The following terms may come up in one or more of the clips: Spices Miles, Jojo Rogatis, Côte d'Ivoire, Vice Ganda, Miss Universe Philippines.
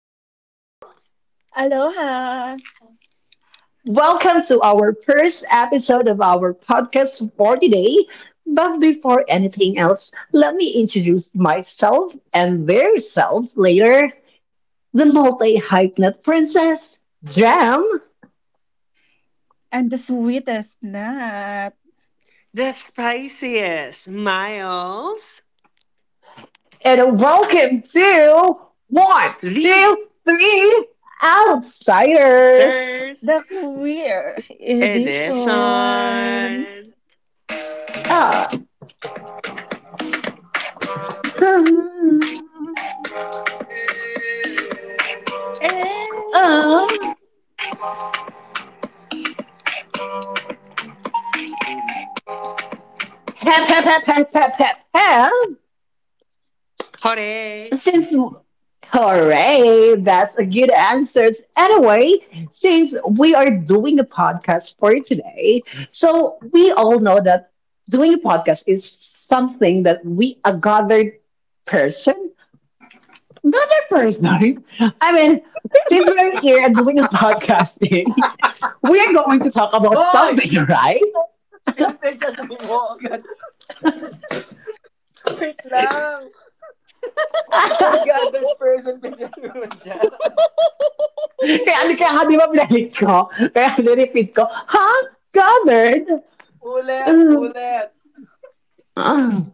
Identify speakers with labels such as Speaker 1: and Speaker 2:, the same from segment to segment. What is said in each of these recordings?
Speaker 1: Bonjour,
Speaker 2: Aloha!
Speaker 3: Welcome to our first episode of our podcast for today. But before anything else, let me introduce myself and their selves later. The multi hyphenate princess, Jam,
Speaker 2: And the sweetest nut,
Speaker 1: Despicious Miles,
Speaker 3: and welcome to one,
Speaker 1: the
Speaker 3: two, three outsiders.
Speaker 1: Third
Speaker 2: the queer
Speaker 1: Edition.
Speaker 2: edition.
Speaker 3: Ah, hmm,
Speaker 1: Eh.
Speaker 3: ah, hep, hep, hep, hep, hep, hep, hep.
Speaker 1: Hore!
Speaker 3: Since, hooray, that's a good answer. Anyway, since we are doing a podcast for today, so we all know that doing a podcast is something that we, a gathered person, another person. I mean, since we're here and doing a podcasting, we're going to talk about
Speaker 2: Hoy!
Speaker 3: something, right?
Speaker 2: Meron tayong sasabihin mo agad. Wait lang. Ungathered person bigyan mo dyan.
Speaker 3: kaya, kaya nga di ba pinalit ko? Kaya nirepeat ko, ha? Gathered?
Speaker 2: Ulit,
Speaker 3: Ah,
Speaker 2: ulit.
Speaker 3: ah.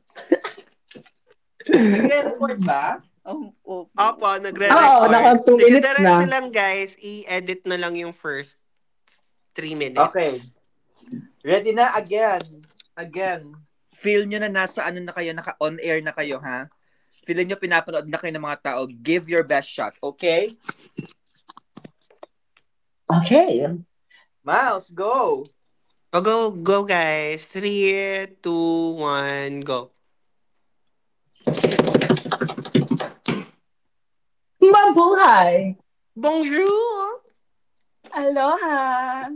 Speaker 2: Nagre-record ba? Ang opo.
Speaker 1: Opo,
Speaker 3: Oo, naka
Speaker 1: nagre-record.
Speaker 3: 2
Speaker 1: Sige,
Speaker 3: minutes na.
Speaker 1: diretso lang guys. I-edit na lang yung first three
Speaker 2: Okay.
Speaker 1: minutes.
Speaker 2: Ready na again. Again. Feel nyo na nasa ano na kayo, naka-on air na kayo, ha? Feel nyo pinapanood na kayo ng mga tao. Give your best shot, okay?
Speaker 3: Okay.
Speaker 2: Miles, go!
Speaker 1: O go, go guys. Three, two, one, go.
Speaker 3: Mabuhay!
Speaker 1: Bonjour!
Speaker 2: Aloha.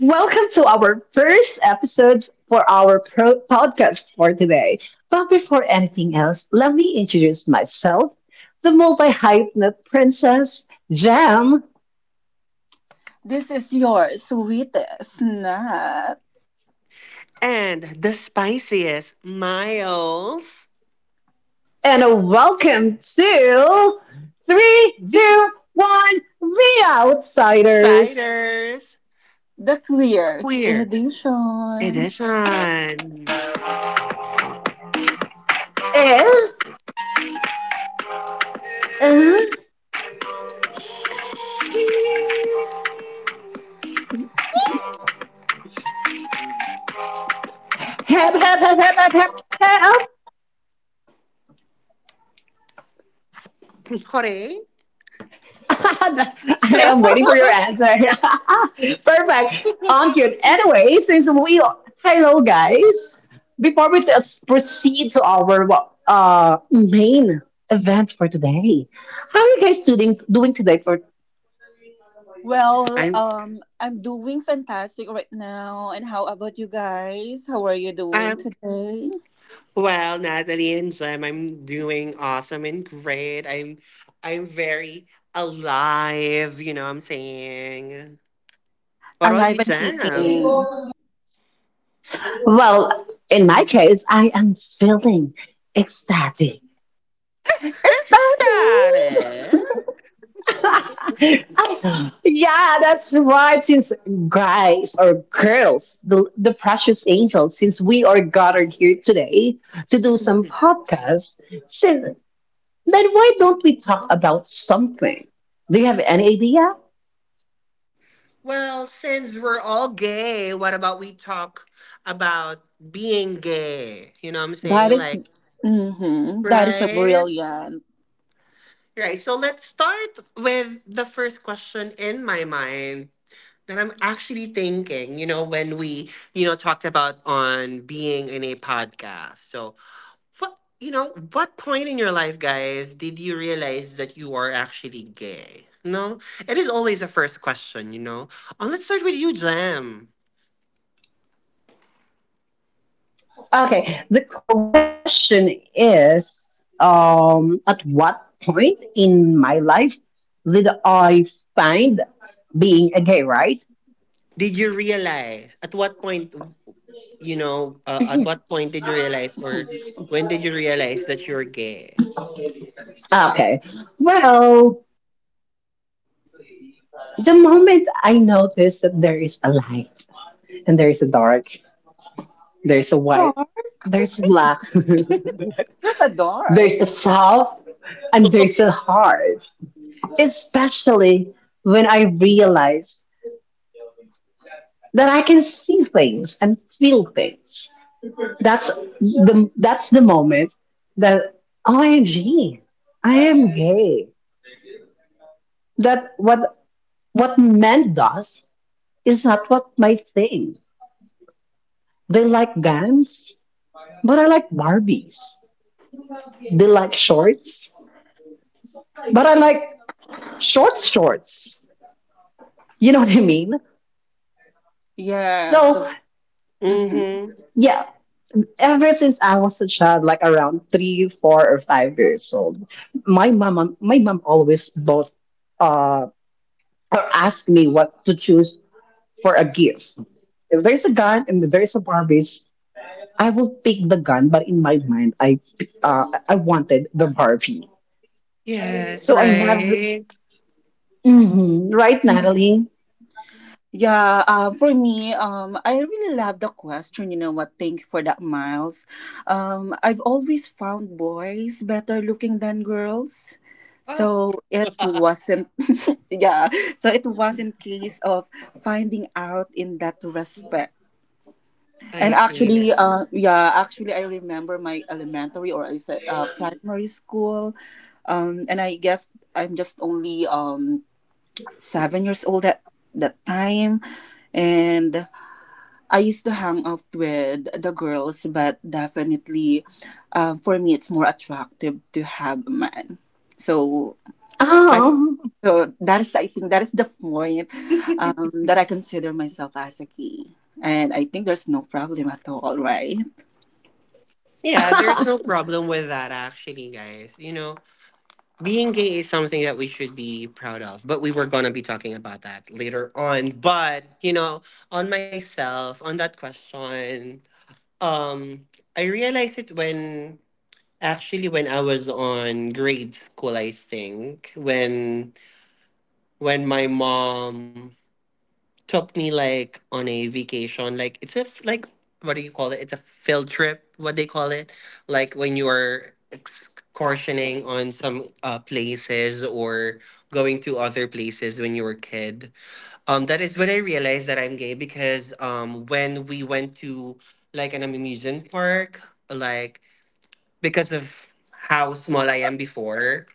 Speaker 3: Welcome to our first episode for our podcast for today. But before anything else, let me introduce myself, the multi-hypnot princess, Jam,
Speaker 2: This is your sweetest nut,
Speaker 1: And the spiciest, Miles,
Speaker 3: and a welcome to three,
Speaker 1: the
Speaker 3: two, one, the outsiders.
Speaker 1: ciders,
Speaker 2: the clear
Speaker 1: queer
Speaker 2: edition.
Speaker 1: edition.
Speaker 3: And, uh,
Speaker 1: Woo!
Speaker 3: hep, hep, hep, hep, hep, hep, hep.
Speaker 1: Corey.
Speaker 3: I am waiting for your answer. Perfect. On cute. Anyway, since we hello guys, before we just proceed to our main event for today, how are you guys doing today? For
Speaker 2: Well,
Speaker 1: I'm
Speaker 2: I'm doing fantastic right now. And how about you guys? How are you doing
Speaker 1: um
Speaker 2: today?
Speaker 1: well Natalie and Jim, I'm doing awesome and great. I'm very alive, you know what I'm saying? What about you,
Speaker 2: Alive and
Speaker 1: Jam?
Speaker 2: kicking.
Speaker 3: well, in my case, I am feeling ecstatic.
Speaker 2: It's
Speaker 1: Let's start it.
Speaker 2: starting.
Speaker 3: Yeah, that's right. Since guys or girls, the precious angels, since we are gathered here today to do some podcasts, since, then why don't we talk about something? Do you have any idea?
Speaker 1: Well, since we're all gay, what about we talk about being gay? You know what I'm saying?
Speaker 2: that is,
Speaker 1: Like
Speaker 2: mm-hmm, that is a
Speaker 1: right.
Speaker 2: brilliant.
Speaker 1: Right. So let's start with the first question in my mind that I'm actually thinking, you know, when we, you know, talked about on being in a podcast. So, what, you know, what point in your life, guys, did you realize that you are actually gay? No, it is always the first question, you know. Let's start with you, Jam.
Speaker 3: Okay, the question is at what point in my life did I find being a gay, right?
Speaker 1: Did you realize at what point, you know, at what point did you realize or
Speaker 2: Mhm.
Speaker 1: when did you realize that you're gay?
Speaker 3: Okay. Well, the moment I notice that there is a light and there is a dark, there's a white,
Speaker 2: Dark.
Speaker 3: there's black,
Speaker 2: There's a dark.
Speaker 3: there's a soft, and there's a hard. Especially when I realize that I can see things and feel things. That's that's the moment that OMG, I am gay. That what men does is not what my thing. They like guns. But I like Barbies. They like shorts. But I like shorts, shorts. You know what I mean?
Speaker 2: Yes.
Speaker 3: So,
Speaker 2: So, mhm.
Speaker 1: Mm-hmm.
Speaker 3: yeah, ever since I was a child, like around 3, 4, or 5 years old, my mom always bought uh, or asked me what to choose for a gift. If there's a gun and if there's a Barbies, I will pick the gun. But in my mind, I wanted the Barbie.
Speaker 1: Yes,
Speaker 3: So I never.
Speaker 1: right.
Speaker 3: Mhm. Right, Natalie?
Speaker 2: Yeah, for me, I really love the question. You know what? Thank you for that, Miles. I've always found boys better looking than girls,
Speaker 1: Oh,
Speaker 2: so it wasn't. yeah, so it wasn't case of finding out in that respect.
Speaker 1: I
Speaker 2: And
Speaker 1: see.
Speaker 2: actually, yeah, actually, I remember my elementary, or I said primary school, and I guess I'm just only 7 years old at that time, and I used to hang out with the girls, but definitely, for me, it's more attractive to have a man. So, I,
Speaker 3: Um,
Speaker 2: so I think that is the point, that I consider myself as a gay. And I think there's no problem at all, right?
Speaker 1: Yeah, there's no problem with that actually, guys. You know, being gay is something that we should be proud of, but we were going to be talking about that later on. But, you know, on myself, on that question, um I realized it when actually when I was on grade school, I think, when my mom took me like on a vacation. Like it's a like what do you call it? It's a field trip. What they call it? Like when you are excursioning on some places or going to other places when you were a kid. That is when I realized that I'm gay because when we went to like an amusement park, like because of how small I am before,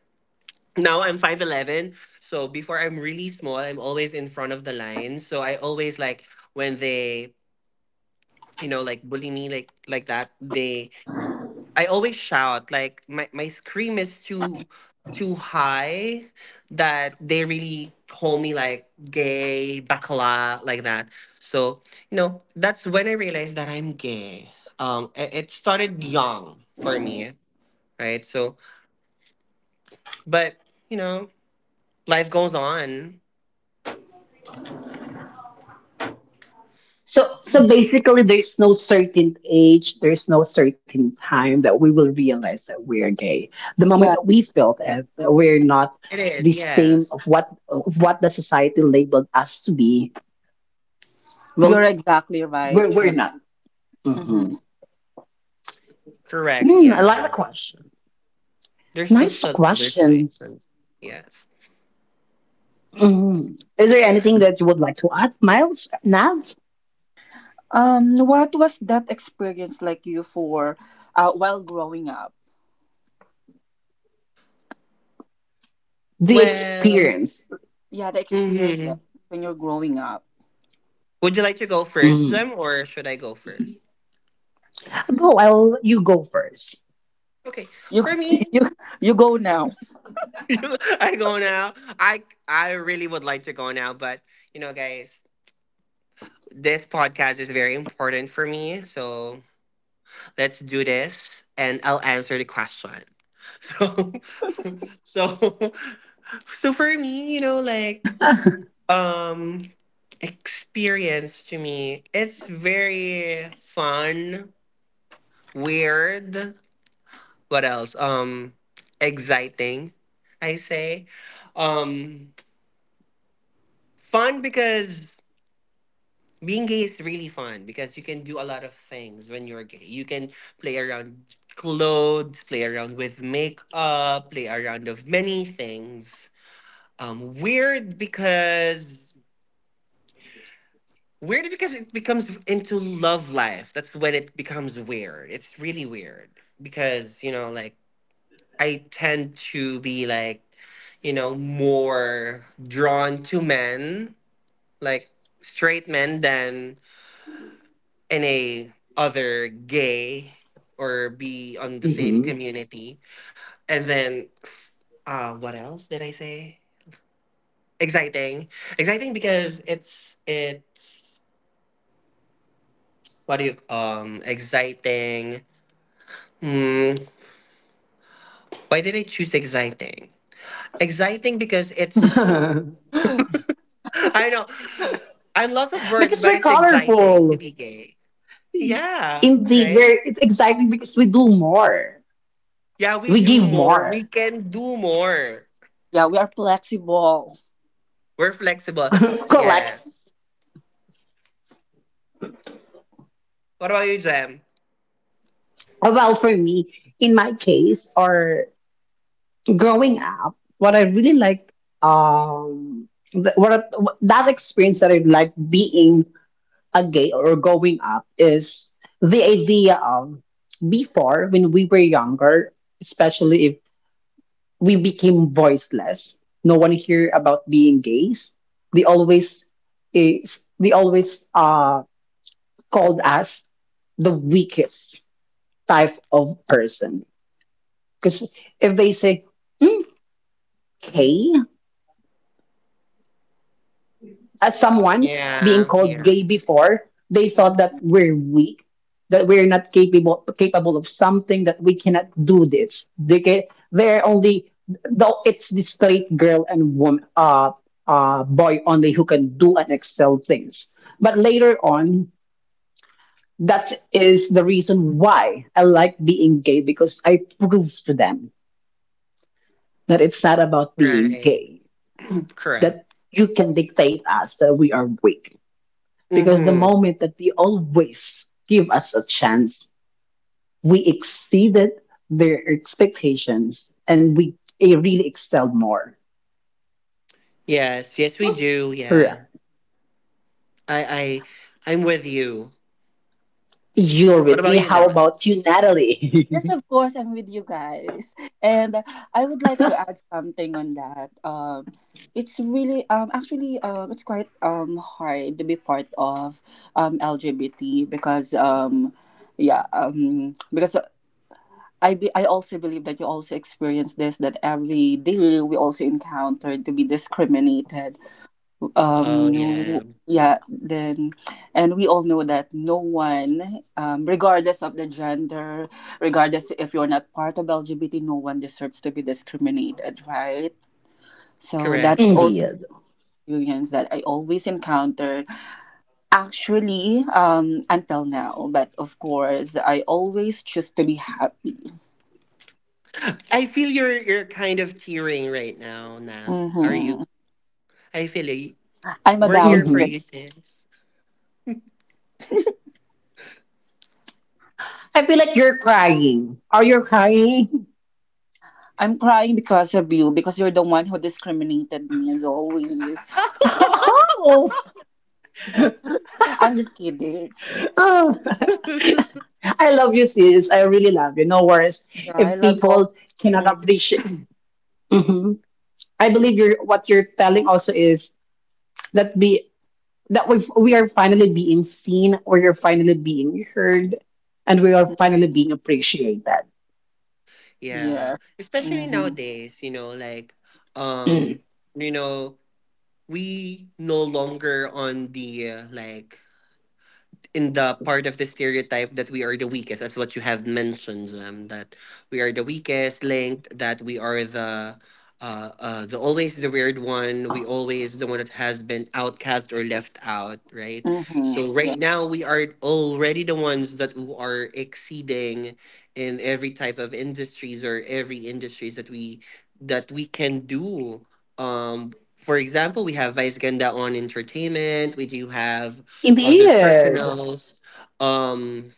Speaker 1: now I'm 5'11. So before I'm really small, I'm always in front of the line. So I always like when they, you know, like bully me like that, they I always shout. Like my scream is too high that they really call me like gay, bakla, like that. So, you know, that's when I realized that I'm gay. It started young for me, right? So but you know, life goes on.
Speaker 3: so basically there's no certain age, there's no certain time that we will realize that we're gay. The moment
Speaker 2: Yeah,
Speaker 3: that we felt it, that we're not
Speaker 1: It is,
Speaker 3: the
Speaker 1: yes.
Speaker 3: same of what the society labeled us to be.
Speaker 2: you're
Speaker 3: Well,
Speaker 2: exactly
Speaker 3: we're
Speaker 2: right.
Speaker 3: we're not. Mm-hmm.
Speaker 2: Mm-hmm.
Speaker 1: Correct,
Speaker 3: Mm, I
Speaker 1: yeah.
Speaker 3: like the question. Nice
Speaker 1: There's no answer.
Speaker 3: questions.
Speaker 1: Yes.
Speaker 3: Mhm. Is there anything that you would like to add, Miles? Now
Speaker 2: What was that experience like you for, while growing up?
Speaker 3: the
Speaker 1: Well,
Speaker 3: experience.
Speaker 2: Yeah, the experience
Speaker 1: hmm,
Speaker 2: when you're growing up.
Speaker 1: would you like to go first,
Speaker 3: Mhm.
Speaker 1: Jem, or should I go first?
Speaker 3: Go, I'll you go 1st.
Speaker 1: Okay,
Speaker 2: You
Speaker 1: for me,
Speaker 2: you go now.
Speaker 1: I go now. I really would like to go now, but you know, guys, this podcast is very important for me, so let's do this, and I'll answer the question. So, so, so for me, you know, like um experience to me it's very fun, weird, what else, exciting, I say. um Fun because being gay is really fun because you can do a lot of things when you're gay. You can play around clothes, play around with makeup, play around of many things. Weird because weird because it becomes into love life. That's when it becomes weird. It's really weird because, you know, like I tend to be like, you know, more drawn to men, like straight men than any other gay or be on the same community. And then what else did I say? Exciting. Exciting because it's what do you exciting. Hmm. Why did I choose exciting? Exciting because it's
Speaker 3: Because
Speaker 1: I know I'm lots of words,
Speaker 3: we're
Speaker 1: but it's exciting to
Speaker 3: colorful.
Speaker 1: be gay. Yeah,
Speaker 3: Indeed,
Speaker 1: right?
Speaker 3: we're it's exactly because we do more.
Speaker 1: Yeah, we
Speaker 3: We
Speaker 1: do
Speaker 3: give
Speaker 1: more. We
Speaker 3: more.
Speaker 1: can do more.
Speaker 2: Yeah, we are flexible.
Speaker 1: We're flexible.
Speaker 3: Collect.
Speaker 1: Yes. What about you, Jem?
Speaker 3: Well, for me, in my case, or growing up, what I really like, that experience that I like being a gay or going up is the idea of before when we were younger, especially we became voiceless. No one hear about being gays. They always they always called us the weakest type of person because if they say mm, gay as someone being
Speaker 1: Yeah,
Speaker 3: called
Speaker 1: yeah.
Speaker 3: gay before, they
Speaker 2: Mhm.
Speaker 3: thought that we're weak, that we're not capable of something, that we cannot do this. They're only though it's the straight girl and woman, boy only who can do and excel things. But later on, that is the reason why I like being gay because I proved to them that it's not about being
Speaker 1: Right.
Speaker 3: gay
Speaker 1: Correct.
Speaker 3: that you can dictate us that we are weak. Because the
Speaker 1: Mm-hmm.
Speaker 3: moment that we always give us a chance, we exceeded their expectations and we really excelled more.
Speaker 1: Yes, yes, we do. Yeah.
Speaker 3: Correct.
Speaker 1: I I'm with you.
Speaker 3: You're
Speaker 1: What
Speaker 3: with me.
Speaker 1: about you,
Speaker 3: How
Speaker 1: Nat?
Speaker 3: about you, Natalie?
Speaker 2: Yes, of course, I'm with you guys. And I would like to add something on that. It's really, actually, it's quite hard to be part of LGBT, because yeah, because I also believe that you also experience this, that every day we also encounter to be discriminated,
Speaker 1: Oh
Speaker 2: no,
Speaker 1: yeah.
Speaker 2: yeah, then. And we all know that no one, regardless of the gender, regardless if you're not part of LGBT, no one deserves to be discriminated, right? So that
Speaker 1: Correct.
Speaker 2: is
Speaker 1: You are.
Speaker 2: also
Speaker 3: Indeed.
Speaker 2: experience that I always encounter, actually, until now. But of course I always choose to be happy.
Speaker 1: I feel you're kind of tearing right now, Nat. Are you?
Speaker 2: Hmm.
Speaker 1: I feel you.
Speaker 2: I'm
Speaker 1: We're
Speaker 3: Hmm
Speaker 1: here
Speaker 2: about
Speaker 1: for
Speaker 2: it.
Speaker 1: you, sis.
Speaker 3: I feel like you're crying. Are you crying?
Speaker 2: I'm crying because of you, because you're the one who discriminated me as always.
Speaker 3: oh,
Speaker 2: I'm just kidding.
Speaker 3: oh, I love you, sis. I really love you. No worries
Speaker 2: Yeah, I
Speaker 3: if
Speaker 2: love you all.
Speaker 3: people cannot
Speaker 2: Hmm.
Speaker 3: appreciate. Mhm. I believe what you're telling also is that be that we are finally being seen, we are finally being heard, and we are finally being appreciated.
Speaker 1: Yeah,
Speaker 2: Yes.
Speaker 1: especially
Speaker 2: Mm-hmm.
Speaker 1: nowadays, you know, like
Speaker 3: Mm.
Speaker 1: um, you know, we no longer on the like in the part of the stereotype that we are the weakest, as what you have mentioned, that we are the weakest linked, that we are the always the weird one. We always the one that has been outcast or left out, right?
Speaker 2: Mm-hmm.
Speaker 1: So
Speaker 2: Yeah.
Speaker 1: right now we are already the ones that who are exceeding in every type of industries or every industries that we can do. For example, we have Vice Ganda on entertainment. We do have
Speaker 3: In the
Speaker 1: other
Speaker 3: end,
Speaker 1: personals. Um,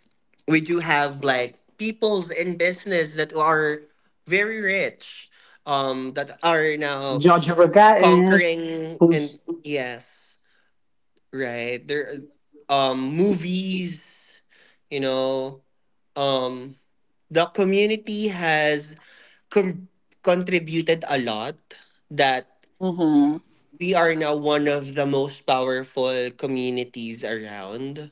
Speaker 1: we do have like peoples in business that are very rich, that are now
Speaker 3: Jojo Rogatis,
Speaker 1: conquering and
Speaker 3: who's
Speaker 1: yes, right. There, movies, you know, um, the community has com- contributed a lot that
Speaker 2: Mm-hmm.
Speaker 1: we are now one of the most powerful communities around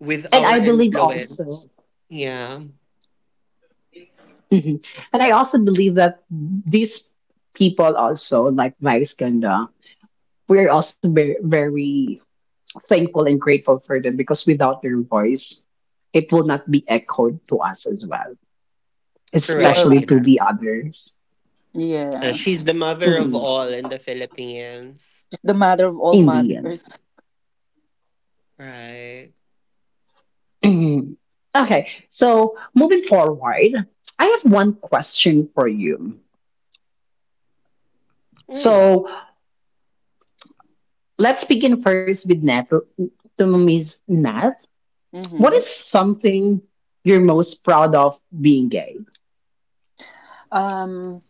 Speaker 1: with
Speaker 3: and
Speaker 1: our
Speaker 3: I believe
Speaker 1: influence.
Speaker 3: also.
Speaker 1: Yeah,
Speaker 3: Mhm. And I also believe that these people also like Vice Ganda, we are also very, very thankful and grateful for them because without their voice, it will not be echoed to us as well,
Speaker 2: You're
Speaker 1: correct.
Speaker 3: especially
Speaker 2: right.
Speaker 1: You
Speaker 3: to
Speaker 1: know,
Speaker 3: the others.
Speaker 2: Yes.
Speaker 1: She's the mother of
Speaker 3: Mhm.
Speaker 1: all in the Philippines,
Speaker 2: It's the mother of all
Speaker 3: In the end.
Speaker 2: mothers.
Speaker 1: right?
Speaker 3: Mhm. Okay, so moving forward, I have one question for you.
Speaker 1: Mm,
Speaker 3: So let's begin first with Nat, to Miss Nat. What
Speaker 2: Mm-hmm.
Speaker 3: is something you're most proud of being gay?
Speaker 2: Um.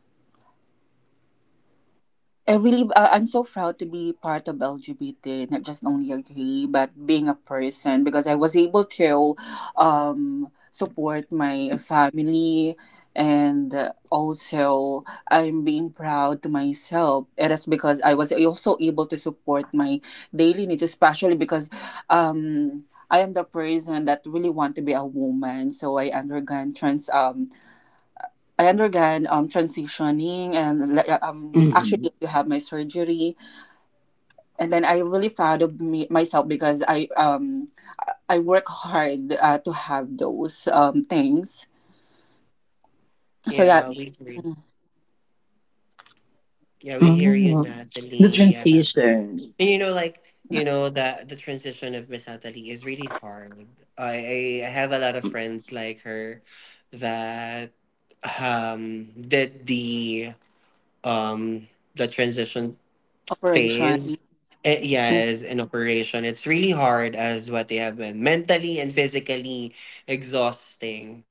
Speaker 2: I'm so proud to be part of LGBT, not just only a gay, but being a person, because I was able to, support my family, and also, I'm being proud to myself. It is because I was also able to support my daily needs, especially because, um, I am the person that really want to be a woman. So I undergone trans. I undergone transitioning, and like, actually
Speaker 3: Mhm.
Speaker 2: I have my surgery. And then I really proud of me myself, because I work hard, to have those things. So yeah.
Speaker 1: yeah, we agree.
Speaker 2: Mm.
Speaker 1: Yeah, we
Speaker 3: Mhm.
Speaker 1: hear you,
Speaker 3: The
Speaker 1: Natalie. Yeah,
Speaker 3: transition,
Speaker 1: and you know, like you know, that the transition of Miss Natalie is really hard. I have a lot of friends like her that did um the transition
Speaker 2: Operation.
Speaker 1: phase. Eh,
Speaker 2: Mm.
Speaker 1: yes, in operation. It's really hard as what they have been mentally and physically exhausting.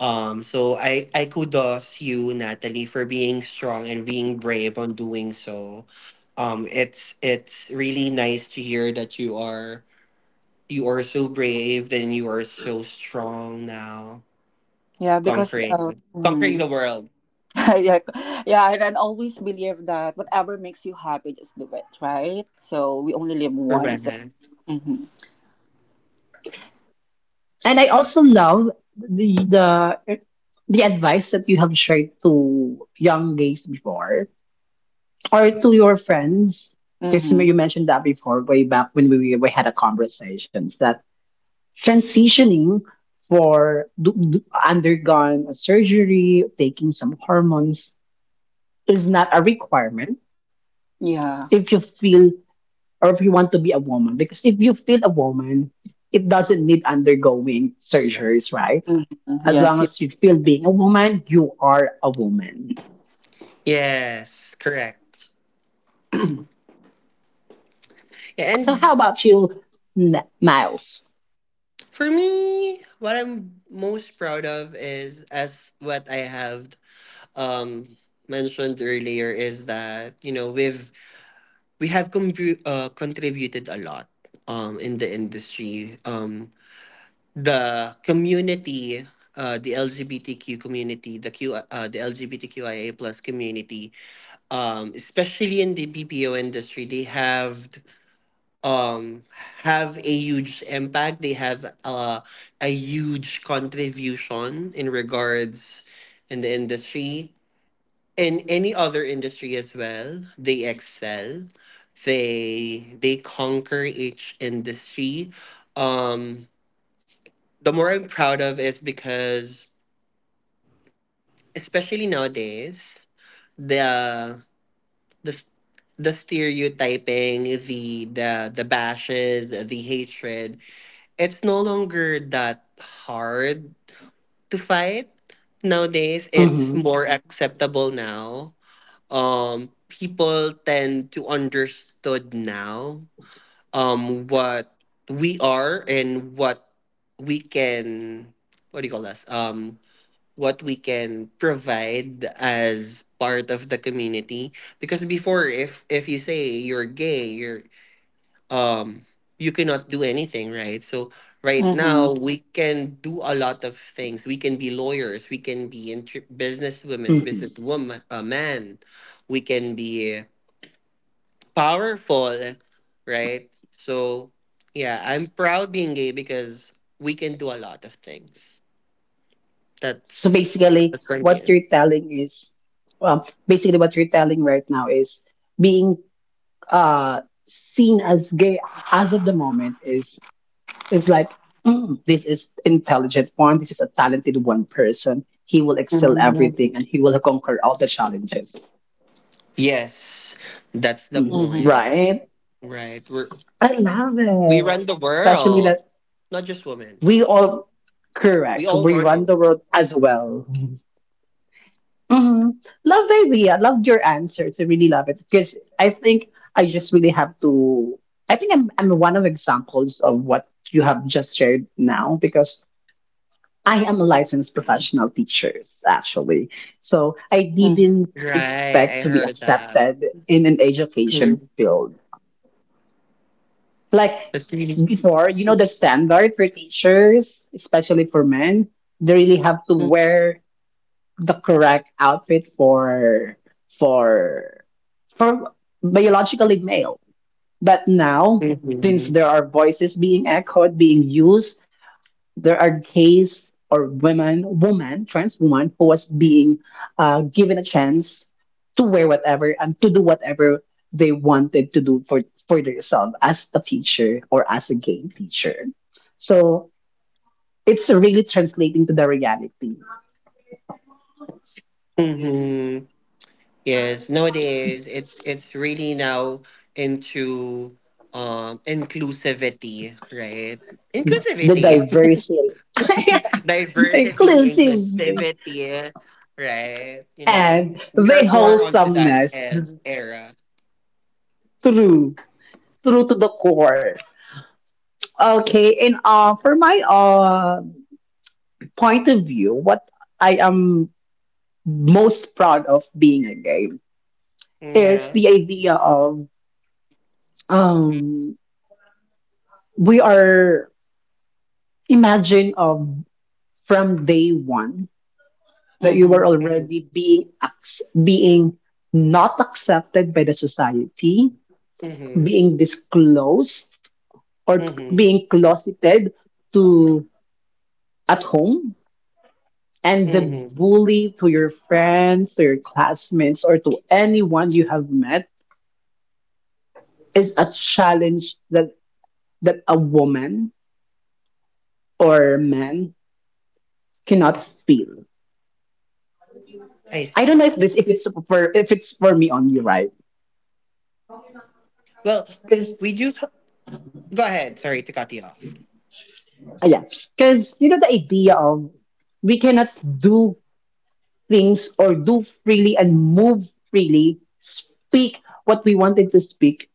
Speaker 1: So I kudos you, Natalie, for being strong and being brave on doing so. It's really nice to hear that you are so brave and you are so strong now,
Speaker 2: Yeah, because
Speaker 1: conquering
Speaker 2: mm,
Speaker 1: the world
Speaker 2: yeah, yeah, and I always believe that whatever makes you happy, just do it, right? So we only live
Speaker 1: for
Speaker 2: once. So,
Speaker 1: Brennan.
Speaker 2: mm-hmm,
Speaker 3: and I also love the the the advice that you have shared to young gays before, or to your friends, because
Speaker 2: mm-hmm,
Speaker 3: you mentioned that before way back when we had a conversations that transitioning for undergone a surgery taking some hormones is not a requirement
Speaker 2: yeah,
Speaker 3: if you feel or if you want to be a woman, because if you feel a woman it doesn't need undergoing surgeries, right?
Speaker 2: mm-hmm,
Speaker 3: As long
Speaker 2: yes, yeah,
Speaker 3: as you feel being a woman you are a woman.
Speaker 1: Yes, correct. Yeah,
Speaker 3: So
Speaker 1: and
Speaker 3: how about you, Miles?
Speaker 1: for me, what I'm most proud of is as what I have um mentioned earlier is that you know we have contributed a lot in the industry the community the LGBTQ community, the Q, the LGBTQIA plus community, especially in the BPO industry, they um have a huge impact. They have a huge contribution in regards in the industry in any other industry as well. They excel. They conquer each industry. um the more I'm proud of is because especially nowadays the the s- the stereotyping, the bashes, the hatred, it's no longer that hard to fight nowadays. It's
Speaker 3: Mm-hmm.
Speaker 1: more acceptable now. People tend to understood now what we are and what we can, what do you call this, what we can provide as part of the community, because before if you say you're gay you're um you cannot do anything, right? So
Speaker 2: mm-hmm,
Speaker 1: right now we can do a lot of things. We can be lawyers, we can be business women's, business woman, a man. We can be powerful, right? So yeah, I'm proud being gay because we can do a lot of things.
Speaker 3: So
Speaker 1: that's
Speaker 3: basically,
Speaker 1: that's from
Speaker 3: what
Speaker 1: here.
Speaker 3: you're telling is, um, basically what you're telling right now is being seen as gay as of the moment is like, "Mm, this is intelligent one, this is a talented one person. He will excel everything and he will conquer all the challenges."
Speaker 1: Yes, that's the
Speaker 2: mm-hmm,
Speaker 3: Mm,
Speaker 1: point,
Speaker 3: right?
Speaker 1: right? We're
Speaker 3: I love
Speaker 1: we run
Speaker 3: it,
Speaker 1: the
Speaker 3: especially
Speaker 1: world,
Speaker 3: that
Speaker 1: not just women.
Speaker 3: we all.
Speaker 1: We
Speaker 3: Correct.
Speaker 1: all
Speaker 3: We
Speaker 1: run the
Speaker 3: run the
Speaker 1: world.
Speaker 3: world as well. Mm-hmm. Love the idea. Loved your answers. I really love it because I think I just really have to. I think I'm one of examples of what you have just shared now because I am a licensed professional teachers actually. So
Speaker 2: mm-hmm,
Speaker 3: I didn't
Speaker 1: Right,
Speaker 3: expect
Speaker 1: I
Speaker 3: to be
Speaker 1: heard that.
Speaker 3: accepted in an education
Speaker 1: Mhm.
Speaker 3: field. Like
Speaker 1: That's really.
Speaker 3: before, you know, the standard for teachers, especially for men, they really have to wear the correct outfit for for for biologically male. But now, since
Speaker 1: Hmm.
Speaker 3: there are voices being echoed, being used, there are gays or women, woman, trans woman who was being given a chance to wear whatever and to do whatever they wanted to do for themselves as a teacher or as a gay teacher. So it's really translating to the reality,
Speaker 1: Hmm. Yes, nowadays it's really now into inclusivity, right?
Speaker 3: the
Speaker 1: Inclusivity,
Speaker 3: diversity.
Speaker 1: diversity,
Speaker 3: Inclusivity
Speaker 1: inclusivity, right? You know,
Speaker 3: and
Speaker 1: we are
Speaker 3: the
Speaker 1: more onto that
Speaker 3: wholesomeness
Speaker 1: ed era.
Speaker 3: through to the core. Okay, and for my point of view, what I am most proud of being a gay is
Speaker 1: Yeah.
Speaker 3: the idea of um, we are imagine of, from day one,
Speaker 2: mm-hmm.
Speaker 3: that you were
Speaker 1: Mm-hmm.
Speaker 3: already being not accepted by the society,
Speaker 1: Mm-hmm.
Speaker 3: being disclosed or
Speaker 1: Mm-hmm.
Speaker 3: being closeted to at home, and the
Speaker 1: Mm-hmm.
Speaker 3: bully to your friends, to your classmates, or to anyone you have met, is a challenge that that a woman or man cannot feel.
Speaker 1: I
Speaker 3: I
Speaker 1: see.
Speaker 3: don't know if this if it's for me only, right?
Speaker 1: Well,
Speaker 3: Because
Speaker 1: we do. Go ahead. Sorry to cut you off.
Speaker 3: yeah, because you know the idea of we cannot do things or do freely and move freely, speak what we wanted to speak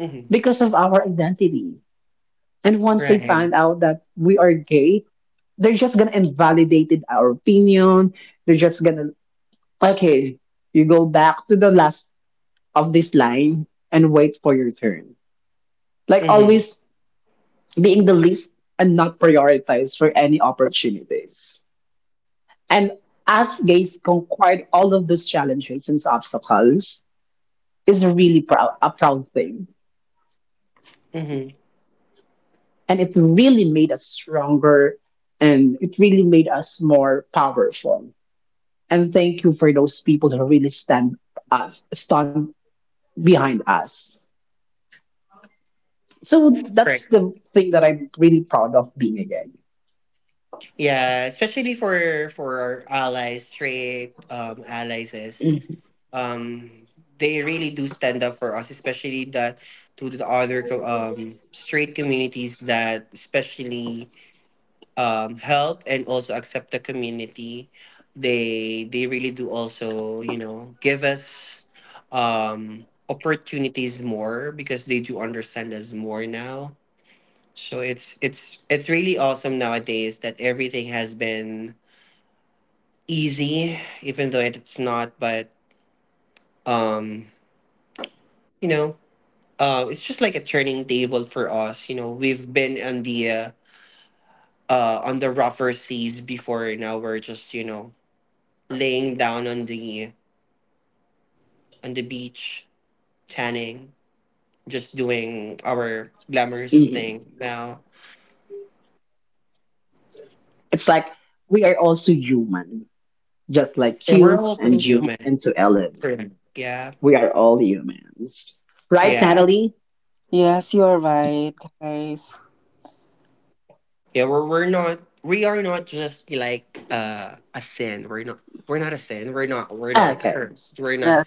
Speaker 1: Mm-hmm.
Speaker 3: because of our identity. And once they
Speaker 1: Right.
Speaker 3: find out that we are gay, they're just gonna invalidate it, our opinion. They're just gonna okay, you go back to the last of this line and wait for your turn. Like
Speaker 1: Mm-hmm.
Speaker 3: always being the least and not prioritized for any opportunities. And as gays conquered all of those challenges and obstacles is really proud a proud thing
Speaker 1: Mm-hmm.
Speaker 3: and it really made us stronger and it really made us more powerful, and thank you for those people who really stand behind us. So that's
Speaker 1: Correct.
Speaker 3: the thing that I'm really proud of being again.
Speaker 1: Yeah, especially for our allies, straight allies is um they really do stand up for us, especially that to the straight communities that especially help and also accept the community. They really do also, you know, give us opportunities more because they do understand us more now. So it's really awesome nowadays that everything has been easy, even though it's not. But um, you know, it's just like a turning table for us. You know, we've been on the rougher seas before. Now we're just you know laying down on the beach, tanning, just doing our glamorous
Speaker 3: Mhm.
Speaker 1: thing now.
Speaker 3: It's like we are also human, just like
Speaker 1: And we're
Speaker 3: you
Speaker 1: also
Speaker 3: and you
Speaker 1: human.
Speaker 3: and to Ellen.
Speaker 1: Correct. Yeah.
Speaker 3: We are all humans, right,
Speaker 1: Yeah.
Speaker 3: Natalie?
Speaker 2: Yes, you are right, guys.
Speaker 1: Yeah, we're not
Speaker 3: Natalie,
Speaker 1: we are not just like a sin. We're not, we're not a sin. We're not, we're not a
Speaker 3: okay.
Speaker 1: curse. We're not
Speaker 2: Yeah.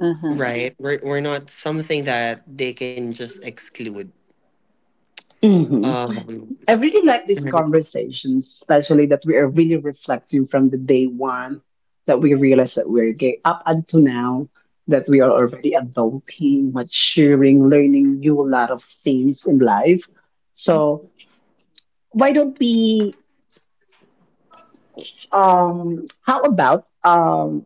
Speaker 2: Mm-hmm.
Speaker 1: right. We're not something that they can just exclude.
Speaker 3: Mm-hmm.
Speaker 1: Um
Speaker 3: I really like these conversations, especially that we are really reflecting from the day one that we realize that we're gay up until now, that we are already adulting, maturing, learning new lot of things in life. So why don't we how about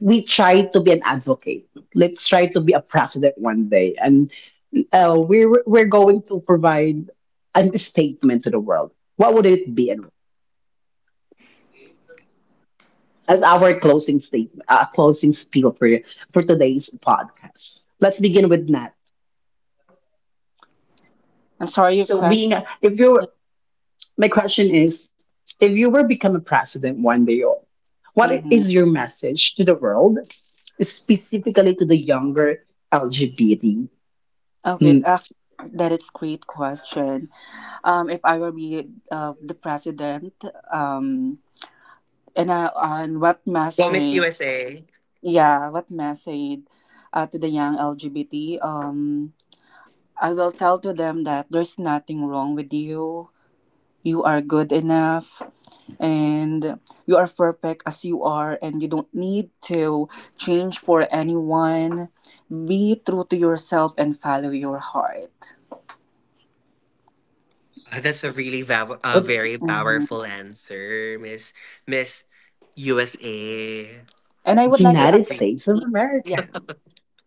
Speaker 3: we try to be an advocate. Let's try to be a president one day. And we're going to provide a statement to the world. What would it be and as our closing statement, closing spiel for today's podcast. Let's begin with Nat.
Speaker 2: I'm sorry, your
Speaker 3: So, being
Speaker 2: question.
Speaker 3: a- if you were- my question is, if you were become a president one day, what
Speaker 2: Mm-hmm.
Speaker 3: is your message to the world, specifically to the younger LGBT.
Speaker 2: Okay,
Speaker 3: Mm,
Speaker 2: actually, that is great question. If I were be the president, um, and what
Speaker 1: well, Miss
Speaker 2: message?
Speaker 1: USA.
Speaker 2: Yeah, what message, to the young LGBT? I will tell to them that there's nothing wrong with you. You are good enough, and you are perfect as you are, and you don't need to change for anyone. Be true to yourself and follow your heart.
Speaker 1: That's a really a
Speaker 3: what,
Speaker 1: very
Speaker 2: Mhm.
Speaker 1: powerful answer, Miss USA.
Speaker 2: And I would like to add.
Speaker 1: That's
Speaker 3: United
Speaker 1: great.
Speaker 3: States of America?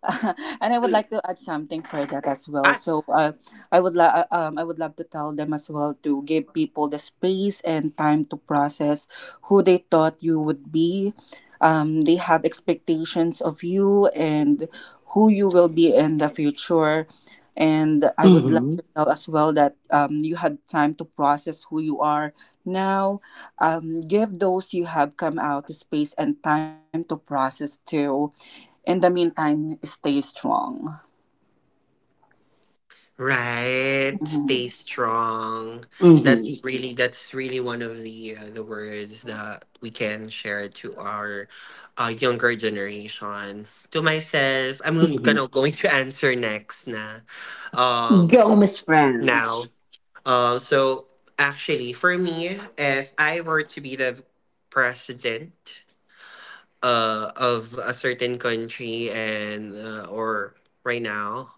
Speaker 2: and I would like to add something for that as well. So, I would love to tell them as well, to give people the space and time to process who they thought you would be. They have expectations of you and who you will be in the future. And I would love
Speaker 3: Mm-hmm,
Speaker 2: to tell as well that, you had time to process who you are now. Give those you have come out the space and time to process too. In the meantime, stay strong.
Speaker 1: Right. Stay
Speaker 2: Mhm.
Speaker 1: strong.
Speaker 3: mm-hmm,
Speaker 1: That's really one of the words that we can share to our younger generation. To myself, I'm
Speaker 3: mm-hmm.
Speaker 1: gonna going to answer next na. Um
Speaker 3: Go, Miss
Speaker 1: now.
Speaker 3: France.
Speaker 1: So actually for me, if I were to be the president of a certain country and or right now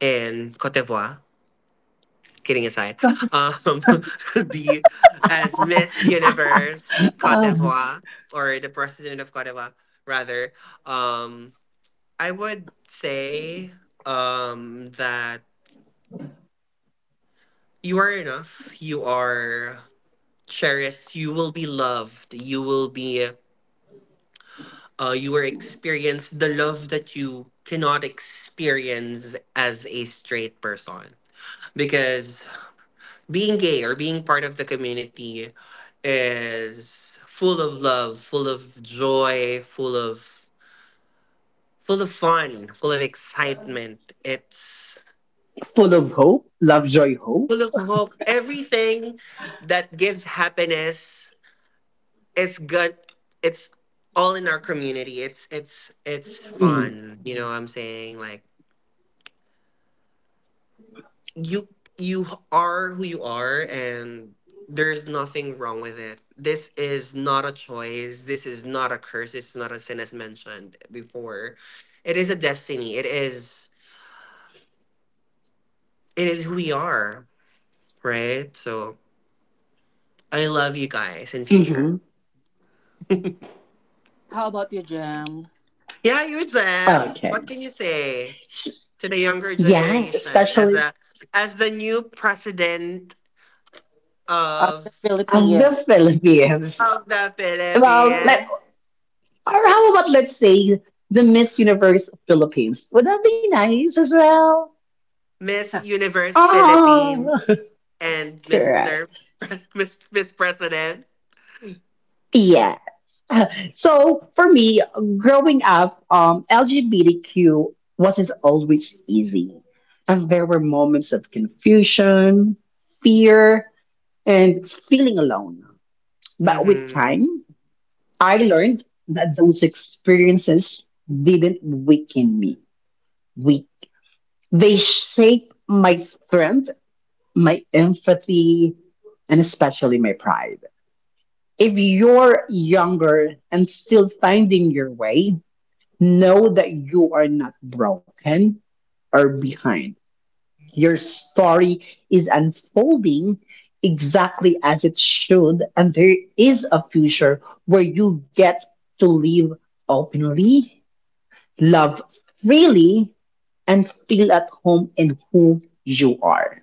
Speaker 1: in Cote d'Ivoire, kidding aside, um, the as Miss Universe Cote
Speaker 3: Uh,
Speaker 1: d'Ivoire or the president of Cote d'Ivoire, rather, um, I would say that you are enough. You are cherished. You will be loved. You will be. You will experience the love that you cannot experience as a straight person because being gay or being part of the community is full of love, full of joy, full of fun, full of excitement. It's
Speaker 3: full of hope, love, joy,
Speaker 1: full
Speaker 3: hope.
Speaker 1: of hope. Everything that gives happiness is good. It's all in our community. It's
Speaker 3: Mm-hmm.
Speaker 1: fun. You know what I'm saying? Like you you are who you are and there's nothing wrong with it. This is not a choice, this is not a curse, it's not a sin as mentioned before. It is a destiny. It is it is who we are, right? So I love you guys in future.
Speaker 3: hmm
Speaker 2: How about you, Jam?
Speaker 1: Yeah, you Sam.
Speaker 3: Okay.
Speaker 1: What can you say to the younger
Speaker 3: Yes,
Speaker 1: generation as
Speaker 3: especially
Speaker 1: a as the new president
Speaker 2: Of the
Speaker 1: of
Speaker 3: of
Speaker 2: Philippines.
Speaker 3: the Philippines.
Speaker 1: of the
Speaker 3: Well, let,
Speaker 1: philippines?
Speaker 3: or how about let's say the Miss Universe of Philippines? Would that be nice as well?
Speaker 1: Miss Universe
Speaker 3: Oh,
Speaker 1: Philippines and
Speaker 3: correct.
Speaker 1: Mr. Miss President.
Speaker 3: Yeah. So for me, growing up, LGBTQ wasn't always easy. And there were moments of confusion, fear, and feeling alone. But with
Speaker 1: Hmm.
Speaker 3: time, I learned that those experiences didn't weaken me. We, they shape my strength, my empathy, and especially my pride. If you're younger and still finding your way, know that you are not broken or behind. Your story is unfolding exactly as it should, and there is a future where you get to live openly, love freely, and feel at home in who you are.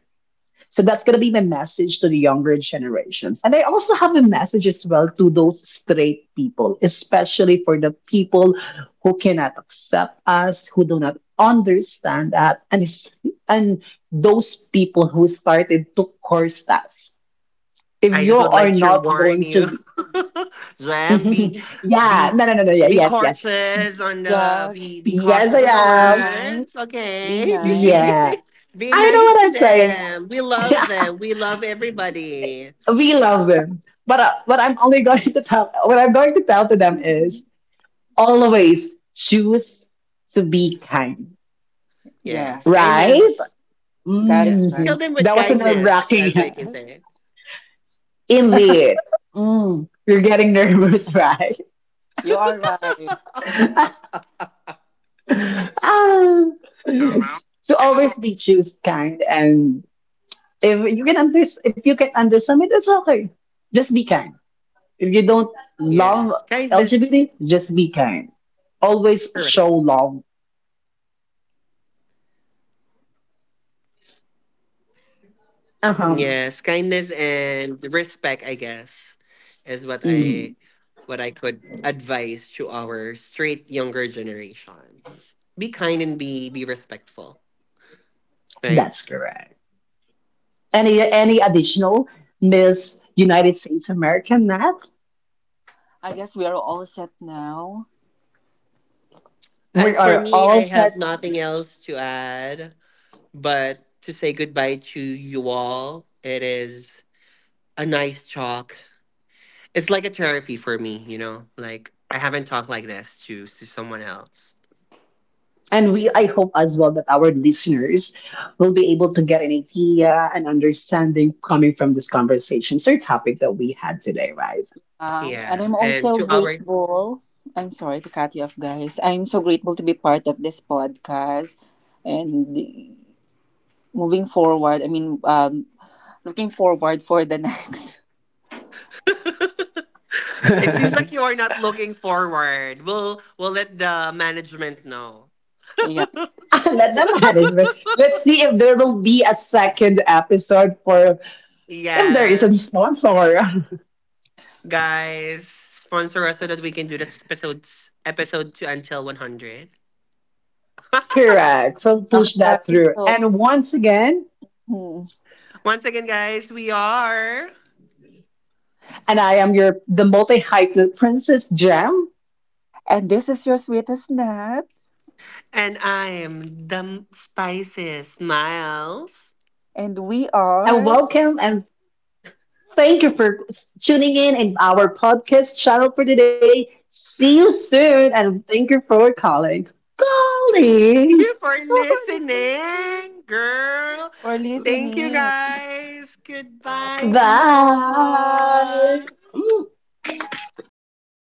Speaker 3: So that's going to be my message to the younger generations. And I also have a message as well to those straight people, especially for the people who cannot accept us, who do not understand that, and, it's- and those people who started to curse us. If
Speaker 1: I
Speaker 3: you
Speaker 1: just would
Speaker 3: are
Speaker 1: like to
Speaker 3: not
Speaker 1: warn
Speaker 3: going
Speaker 1: you,
Speaker 3: to,
Speaker 1: Jam,
Speaker 3: yeah,
Speaker 1: be
Speaker 3: no, no, no, no, yeah,
Speaker 1: be cautious on the
Speaker 2: Yeah,
Speaker 1: be
Speaker 3: yes, I
Speaker 1: cautious on the
Speaker 2: be
Speaker 3: am.
Speaker 2: nice.
Speaker 1: words,
Speaker 2: Be
Speaker 1: okay?
Speaker 2: nice.
Speaker 3: Yeah.
Speaker 1: Be
Speaker 3: I know
Speaker 1: nice
Speaker 3: what I'm
Speaker 1: to
Speaker 3: saying.
Speaker 1: them. We love them. We love everybody.
Speaker 3: we love them. But what I'm only going to tell what I'm going to tell to them is always choose to be kind.
Speaker 1: Yes,
Speaker 2: Yes,
Speaker 3: Right?
Speaker 1: kindness.
Speaker 2: that is
Speaker 1: Yes,
Speaker 2: right.
Speaker 3: Mm,
Speaker 1: kill them with
Speaker 3: that was a nerve
Speaker 1: kindness,
Speaker 3: wracking.
Speaker 1: as I can say.
Speaker 3: Indeed. Mm, you're getting nervous, right?
Speaker 2: You are right.
Speaker 3: Ah.
Speaker 2: Around
Speaker 3: So
Speaker 2: everyone.
Speaker 3: always be choose kind, and if you can understand it, it's okay. Just be kind. If you don't love
Speaker 1: Yes. Kindness.
Speaker 3: LGBT, just be kind. Always
Speaker 1: Correct.
Speaker 3: show love.
Speaker 1: Yes,
Speaker 3: Uh
Speaker 1: kindness
Speaker 3: huh.
Speaker 1: and respect, I guess, is what
Speaker 3: hmm
Speaker 1: I could advise to our straight younger generations. Be kind and be respectful, right?
Speaker 3: That's correct. Any additional, Miss United States America, Nat?
Speaker 2: I guess we are all set now.
Speaker 1: I
Speaker 3: We
Speaker 1: for
Speaker 3: are
Speaker 1: me,
Speaker 3: all
Speaker 1: I
Speaker 3: set,
Speaker 1: have nothing else to add but to say goodbye to you all. It is a nice talk. It's like a therapy for me, you know. Like I haven't talked like this to someone else.
Speaker 3: and we I hope as well that our listeners will be able to get an idea and understanding coming from this conversation or topic that we had today, right?
Speaker 2: And
Speaker 1: Yeah,
Speaker 2: I'm
Speaker 1: and
Speaker 2: also
Speaker 1: to our
Speaker 2: grateful. I'm sorry to cut you off, guys. I'm so grateful to be part of this podcast. And moving forward, I mean, looking forward for the next.
Speaker 1: it seems like you are not looking forward. We'll let the management know.
Speaker 2: Yeah.
Speaker 3: Let them management. Let's see if there will be a second episode for if there is a
Speaker 1: Yes,
Speaker 3: sponsor.
Speaker 1: guys, sponsor us so that we can do this episode two until 100.
Speaker 3: Correct. We'll
Speaker 2: Okay,
Speaker 3: push
Speaker 2: guys.
Speaker 3: that through.
Speaker 2: So,
Speaker 3: And once again,
Speaker 2: hmm.
Speaker 1: Once again, guys, we are,
Speaker 3: and I am your the multi-hype princess Jam.
Speaker 2: And this is your sweetest nut,
Speaker 1: and I am the Spices Miles.
Speaker 2: and we
Speaker 3: And
Speaker 2: are
Speaker 3: welcome and thank you for tuning in our podcast channel for today. See you soon and thank you for calling.
Speaker 1: Thank
Speaker 3: Calling.
Speaker 1: you for
Speaker 2: calling
Speaker 1: listening,
Speaker 2: for
Speaker 1: girl. Thank
Speaker 2: listening.
Speaker 1: you, guys. Goodbye, people.
Speaker 3: Bye. Mm.